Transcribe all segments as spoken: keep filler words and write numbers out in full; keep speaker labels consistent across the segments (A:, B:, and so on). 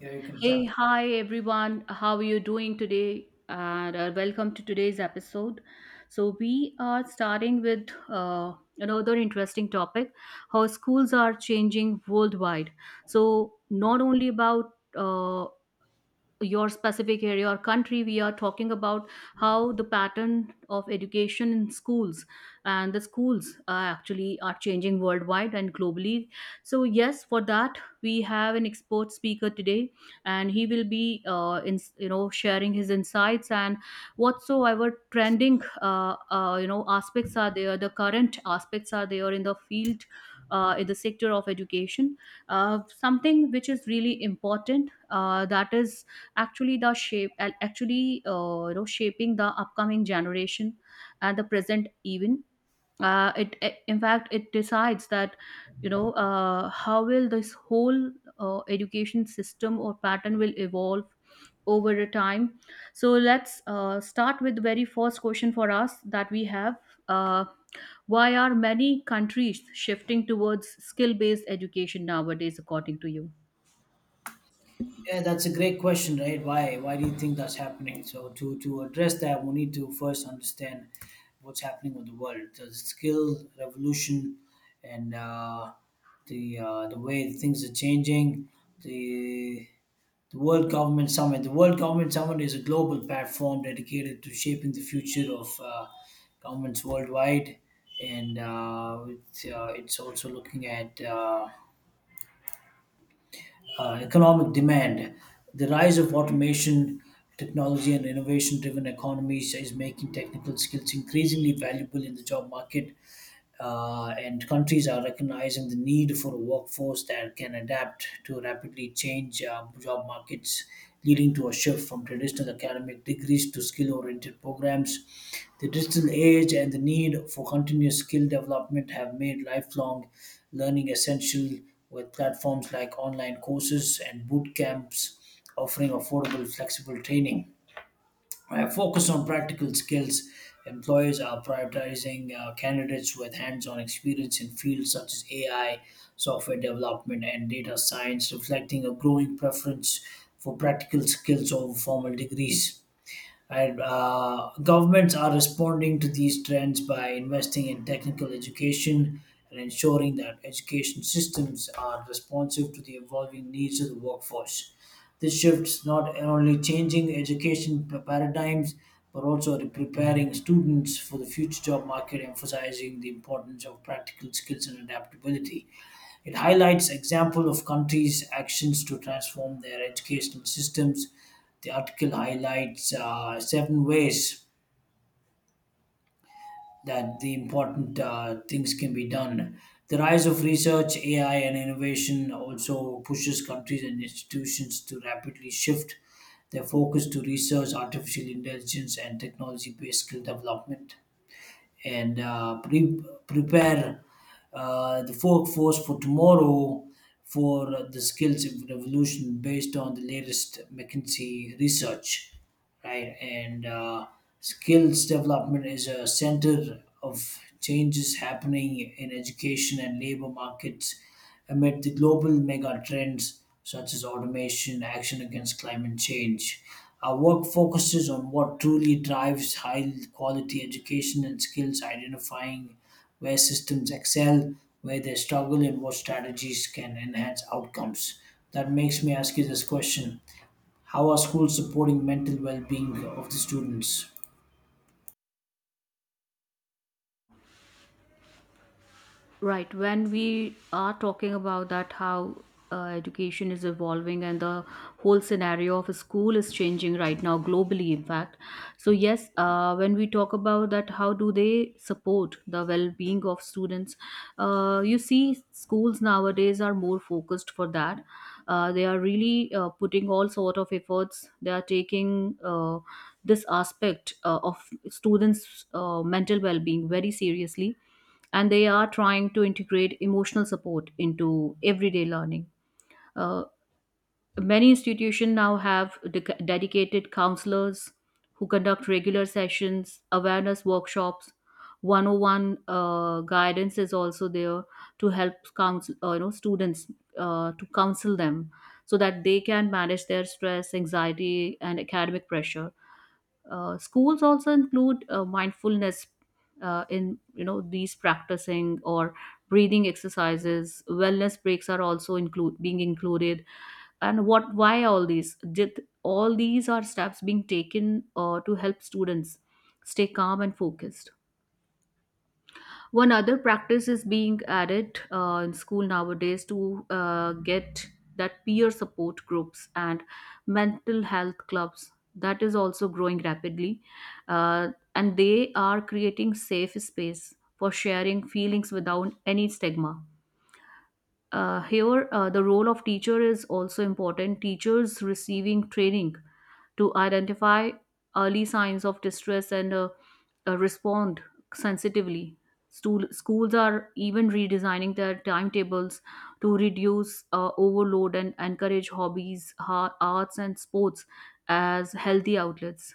A: Yeah, you can
B: Hey,
A: start.
B: hi everyone. How are you doing today? And uh, welcome to today's episode. So we are starting with uh, another interesting topic: how schools are changing worldwide. So not only about uh, your specific area or country we are talking about how the pattern of education in schools and the schools uh, actually are changing worldwide and globally. So yes, for that we have an expert speaker today, and he will be uh, in, you know sharing his insights and whatsoever trending uh, uh, you know aspects are there, the current aspects are there in the field uh, in the sector of education, uh, something which is really important, uh, that is actually the shape and actually uh, you know shaping the upcoming generation and the present even. Uh, it it- in fact it decides that you know uh, how will this whole uh, education system or pattern will evolve over a time. So let's uh, start with the very first question for us that we have, uh, why are many countries shifting towards skill based education nowadays, according to you?
A: Yeah, that's a great question, right? Why why do you think that's happening? So to to address that, we need to first understand what's happening with the world, the skill revolution, and uh, the uh, the way things are changing. The the World Government Summit. The World Government Summit is a global platform dedicated to shaping the future of uh, governments worldwide, and uh, it's, uh, it's also looking at Uh, uh, economic demand. The rise of automation, technology, and innovation driven economies is making technical skills increasingly valuable in the job market, uh, and countries are recognizing the need for a workforce that can adapt to rapidly change uh, job markets, leading to a shift from traditional academic degrees to skill oriented programs. The digital age and the need for continuous skill development have made lifelong learning essential, with platforms like online courses and boot camps offering affordable, flexible training. Uh, focus on practical skills. Employers are prioritizing uh, candidates with hands on experience in fields such as A I, software development, and data science, reflecting a growing preference for practical skills over formal degrees. And uh, governments are responding to these trends by investing in technical education and ensuring that education systems are responsive to the evolving needs of the workforce. This shift's not only changing education p- paradigms, but also re- preparing students for the future job market, emphasizing the importance of practical skills and adaptability. It highlights example of countries' actions to transform their educational systems. The article highlights uh, seven ways that the important uh, things can be done. The rise of research, A I, and innovation also pushes countries and institutions to rapidly shift their focus to research, artificial intelligence, and technology based skill development and uh, pre- prepare uh, the workforce for tomorrow, for the skills of revolution based on the latest McKinsey research, right? And uh, skills development is a center of changes happening in education and labor markets amid the global mega trends such as automation, action against climate change. Our work focuses on what truly drives high quality education and skills, identifying where systems excel, where they struggle, and what strategies can enhance outcomes. That makes me ask you this question: how are schools supporting mental well being of the students?
B: Right. When we are talking about that, how uh, education is evolving and the whole scenario of a school is changing right now globally, in fact. So, yes, uh, when we talk about that, how do they support the well being of students? Uh, you see, schools nowadays are more focused for that. Uh, they are really uh, putting all sort of efforts. They are taking uh, this aspect uh, of students' uh, mental well-being very seriously, and they are trying to integrate emotional support into everyday learning. Uh, Many institutions now have dec dedicated counselors who conduct regular sessions, awareness workshops. 101 uh, guidance is also there to help counsel, uh, you know, students, uh, to counsel them so that they can manage their stress, anxiety, and academic pressure. Uh, schools also include uh, mindfulness uh, in, you know, these practicing or breathing exercises. Wellness breaks are also include being included. And what? Why all these? Did all these are steps being taken uh, to help students stay calm and focused? One other practice is being added uh, in school nowadays to uh, get that peer support groups and mental health clubs. That is also growing rapidly, uh, and they are creating safe space for sharing feelings without any stigma. Uh, here, uh, the role of teacher is also important. Teachers receiving training to identify early signs of distress and uh, uh, respond sensitively. Stool- schools are even redesigning their timetables to reduce uh, overload and encourage hobbies, ha- arts, and sports as healthy outlets.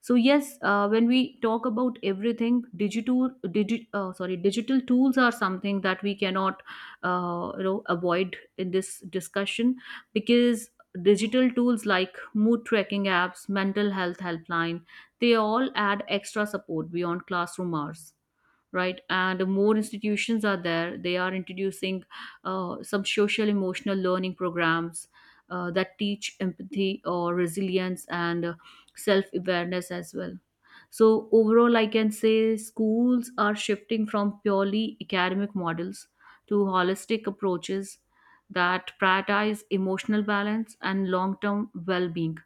B: So yes, uh, when we talk about everything, digital, digi- uh, sorry, digital tools are something that we cannot, uh, you know, avoid in this discussion, because digital tools like mood tracking apps, mental health helpline, they all add extra support beyond classroom hours. Right, and more institutions are there, they are introducing uh, some social emotional learning programs uh, that teach empathy or resilience and uh, self-awareness as well. So overall I can say schools are shifting from purely academic models to holistic approaches that prioritize emotional balance and long-term well-being,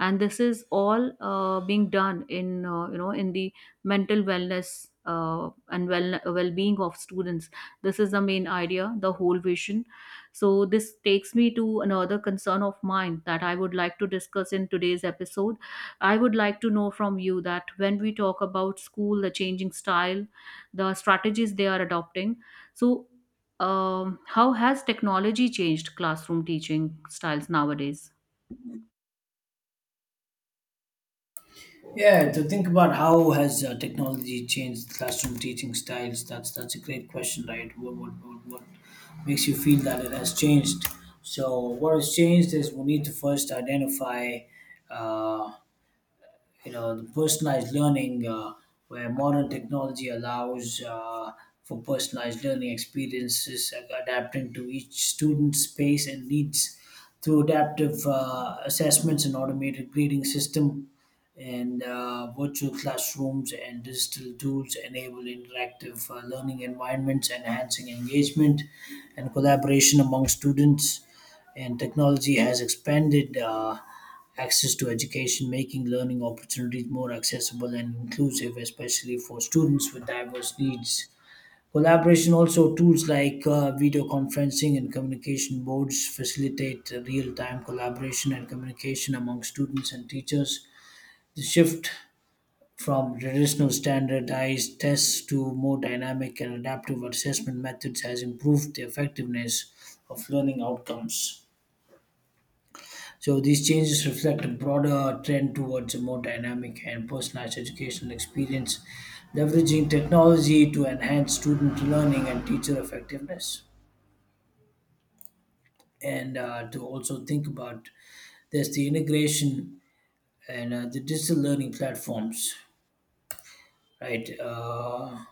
B: and this is all uh, being done in, uh, you know in the mental wellness uh, and well well-being of students. This is the main idea, the whole vision. So this takes me to another concern of mine that I would like to discuss in today's episode. I would like to know from you that when we talk about school, the changing style, the strategies they are adopting, so um, how has technology changed classroom teaching styles nowadays?
A: Yeah, to think about how has uh, technology changed classroom teaching styles? That's that's a great question, right? What what what, what makes you feel that it has changed? So what has changed is we need to first identify uh, you know the personalized learning, uh, where modern technology allows, uh, for personalized learning experiences, uh, adapting to each student's space and needs through adaptive uh, assessments and automated grading system, and uh, virtual classrooms and digital tools enable interactive uh, learning environments, enhancing engagement and collaboration among students. And technology has expanded uh, access to education, making learning opportunities more accessible and inclusive, especially for students with diverse needs. Collaboration also tools like uh, video conferencing and communication boards facilitate real time collaboration and communication among students and teachers. The shift from traditional standardized tests to more dynamic and adaptive assessment methods has improved the effectiveness of learning outcomes. So these changes reflect a broader trend towards a more dynamic and personalized educational experience, leveraging technology to enhance student learning and teacher effectiveness. And uh, to also think about, there's the integration and uh, the digital learning platforms, right? Uh,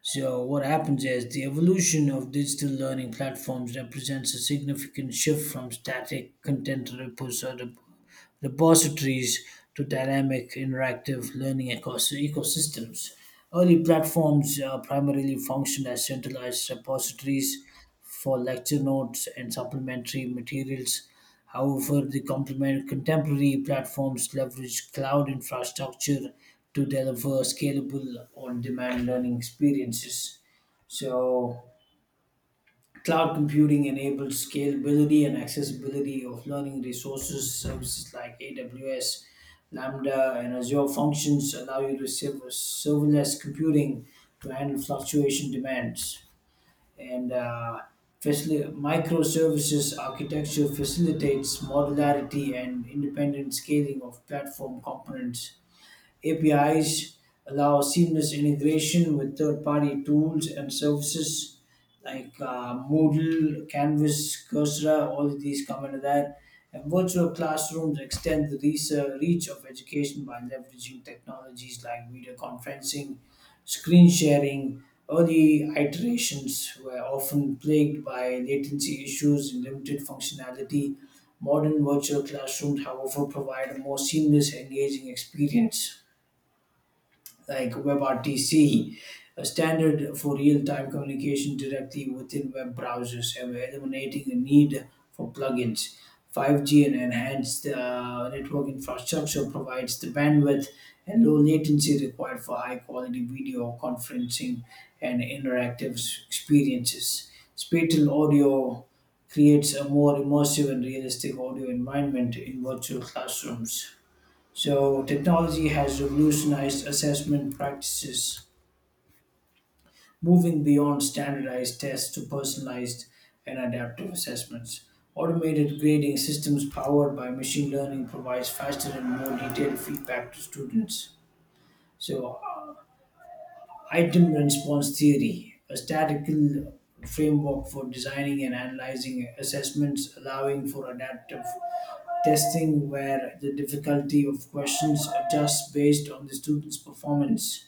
A: so what happens is the evolution of digital learning platforms represents a significant shift from static content repos- repositories to dynamic, interactive learning ecos- ecosystems. Early platforms uh, primarily functioned as centralized repositories for lecture notes and supplementary materials. However, the complement contemporary platforms leverage cloud infrastructure to deliver scalable on-demand learning experiences. So, cloud computing enables scalability and accessibility of learning resources. Services like A W S, Lambda, and Azure Functions allow you to serve serverless computing to handle fluctuation demands. And uh, facil- Microservices architecture facilitates modularity and independent scaling of platform components. A P Is allow seamless integration with third party tools and services like uh, Moodle, Canvas, Coursera, all of these come under that. And virtual classrooms extend the research, reach of education by leveraging technologies like video conferencing, screen sharing. Early iterations were often plagued by latency issues and limited functionality. Modern virtual classrooms, however, provide a more seamless, engaging experience like WebRTC, a standard for real-time communication directly within web browsers, and we're eliminating the need for plugins. five G and enhanced uh, network infrastructure provides the bandwidth and low latency required for high-quality video conferencing and interactive s- experiences. Spatial audio creates a more immersive and realistic audio environment in virtual classrooms. So, technology has revolutionized assessment practices, moving beyond standardized tests to personalized and adaptive assessments. Automated grading systems powered by machine learning provides faster and more detailed feedback to students. So, item response theory, a statistical framework for designing and analyzing assessments, allowing for adaptive testing where the difficulty of questions adjusts based on the student's performance.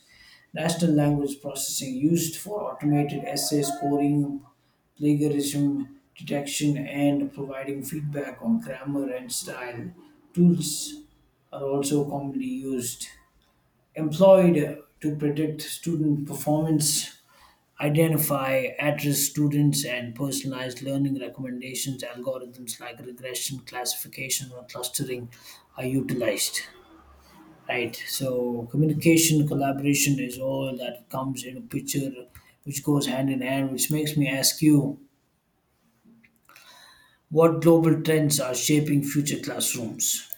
A: Natural language processing used for automated essay scoring, plagiarism detection, and providing feedback on grammar and style. Tools are also commonly used. Employed to predict student performance, identify at-risk students, and personalized learning recommendations. Algorithms like regression, classification, or clustering are utilized. Right. So communication, collaboration is all that comes in a picture, which goes hand in hand, which makes me ask you, what global trends are shaping future classrooms?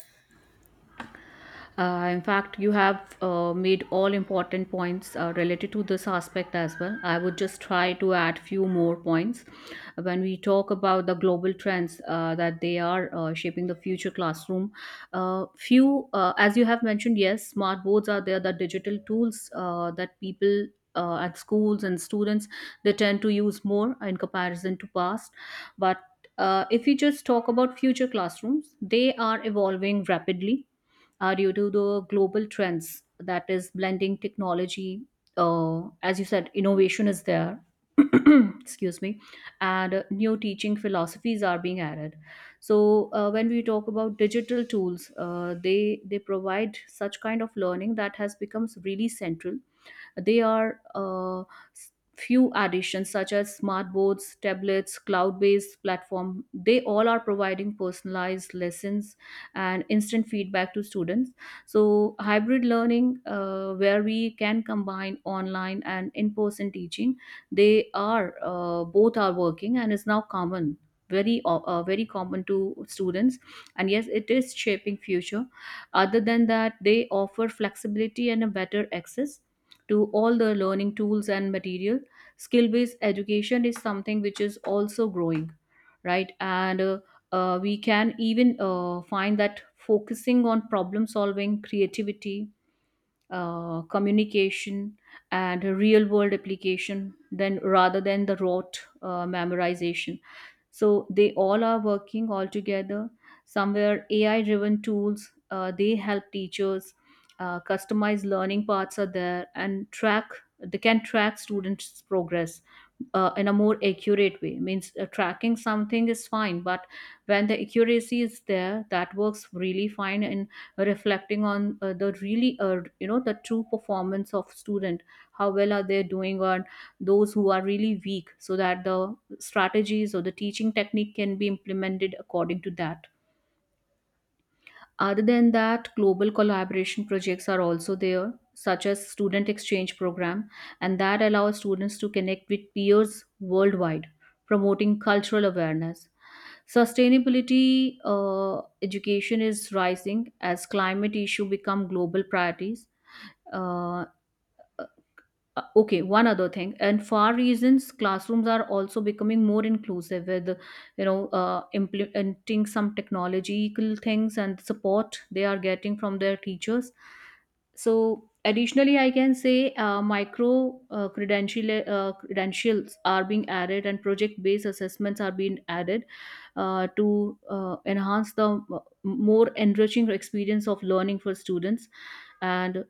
B: Uh, in fact, you have uh, made all important points uh, related to this aspect as well. I would just try to add few more points when we talk about the global trends uh, that they are uh, shaping the future classroom. Uh, few, uh, as you have mentioned, yes, smart boards are there. The digital tools uh, that people uh, at schools and students, they tend to use more in comparison to past, but uh, if you just talk about future classrooms, they are evolving rapidly are due to the global trends that is blending technology. Uh, as you said, innovation is there. Excuse me. And uh, new teaching philosophies are being added. So uh, when we talk about digital tools, uh, they they provide such kind of learning that has become really central. They are uh, s- few additions such as smart boards, tablets, cloud-based platform. They all are providing personalized lessons and instant feedback to students. So hybrid learning, uh, where we can combine online and in-person teaching, they are uh, both are working and is now common. Very, o- uh, very common to students, and yes, it is shaping future. Other than that, they offer flexibility and a better access to all the learning tools and material. Skill based education is something which is also growing, right, and uh, uh, we can even uh, find that focusing on problem solving, creativity, uh, communication, and real world application then rather than the rote uh, memorization. So they all are working all together. Somewhere AI driven tools uh, they help teachers, uh, customized learning paths are there and track they can track students progress uh, in a more accurate way. Means uh, tracking something is fine, but when the accuracy is there, that works really fine in reflecting on uh, the really uh, you know the true performance of student, how well are they doing on those who are really weak, so that the strategies or the teaching technique can be implemented according to that. Other than that, global collaboration projects are also there, such as student exchange program, and that allows students to connect with peers worldwide, promoting cultural awareness. Sustainability uh, education is rising as climate issue become global priorities. Uh, Uh, okay, one other thing, and far reasons, classrooms are also becoming more inclusive with, you know, uh, implementing some technological things and support they are getting from their teachers. So additionally, I can say uh, micro uh, credential uh, credentials are being added and project based assessments are being added uh, to uh, enhance the uh, more enriching experience of learning for students, and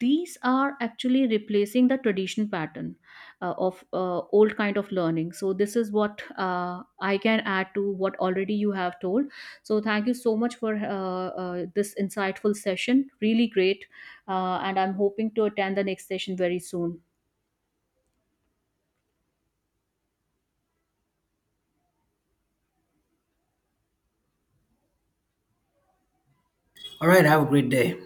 B: these are actually replacing the traditional pattern uh, of uh, old kind of learning. So this is what uh, I can add to what already you have told. So thank you so much for uh, uh, this insightful session, really great, uh, and I'm hoping to attend the next session very soon.
A: All right. Have a great day.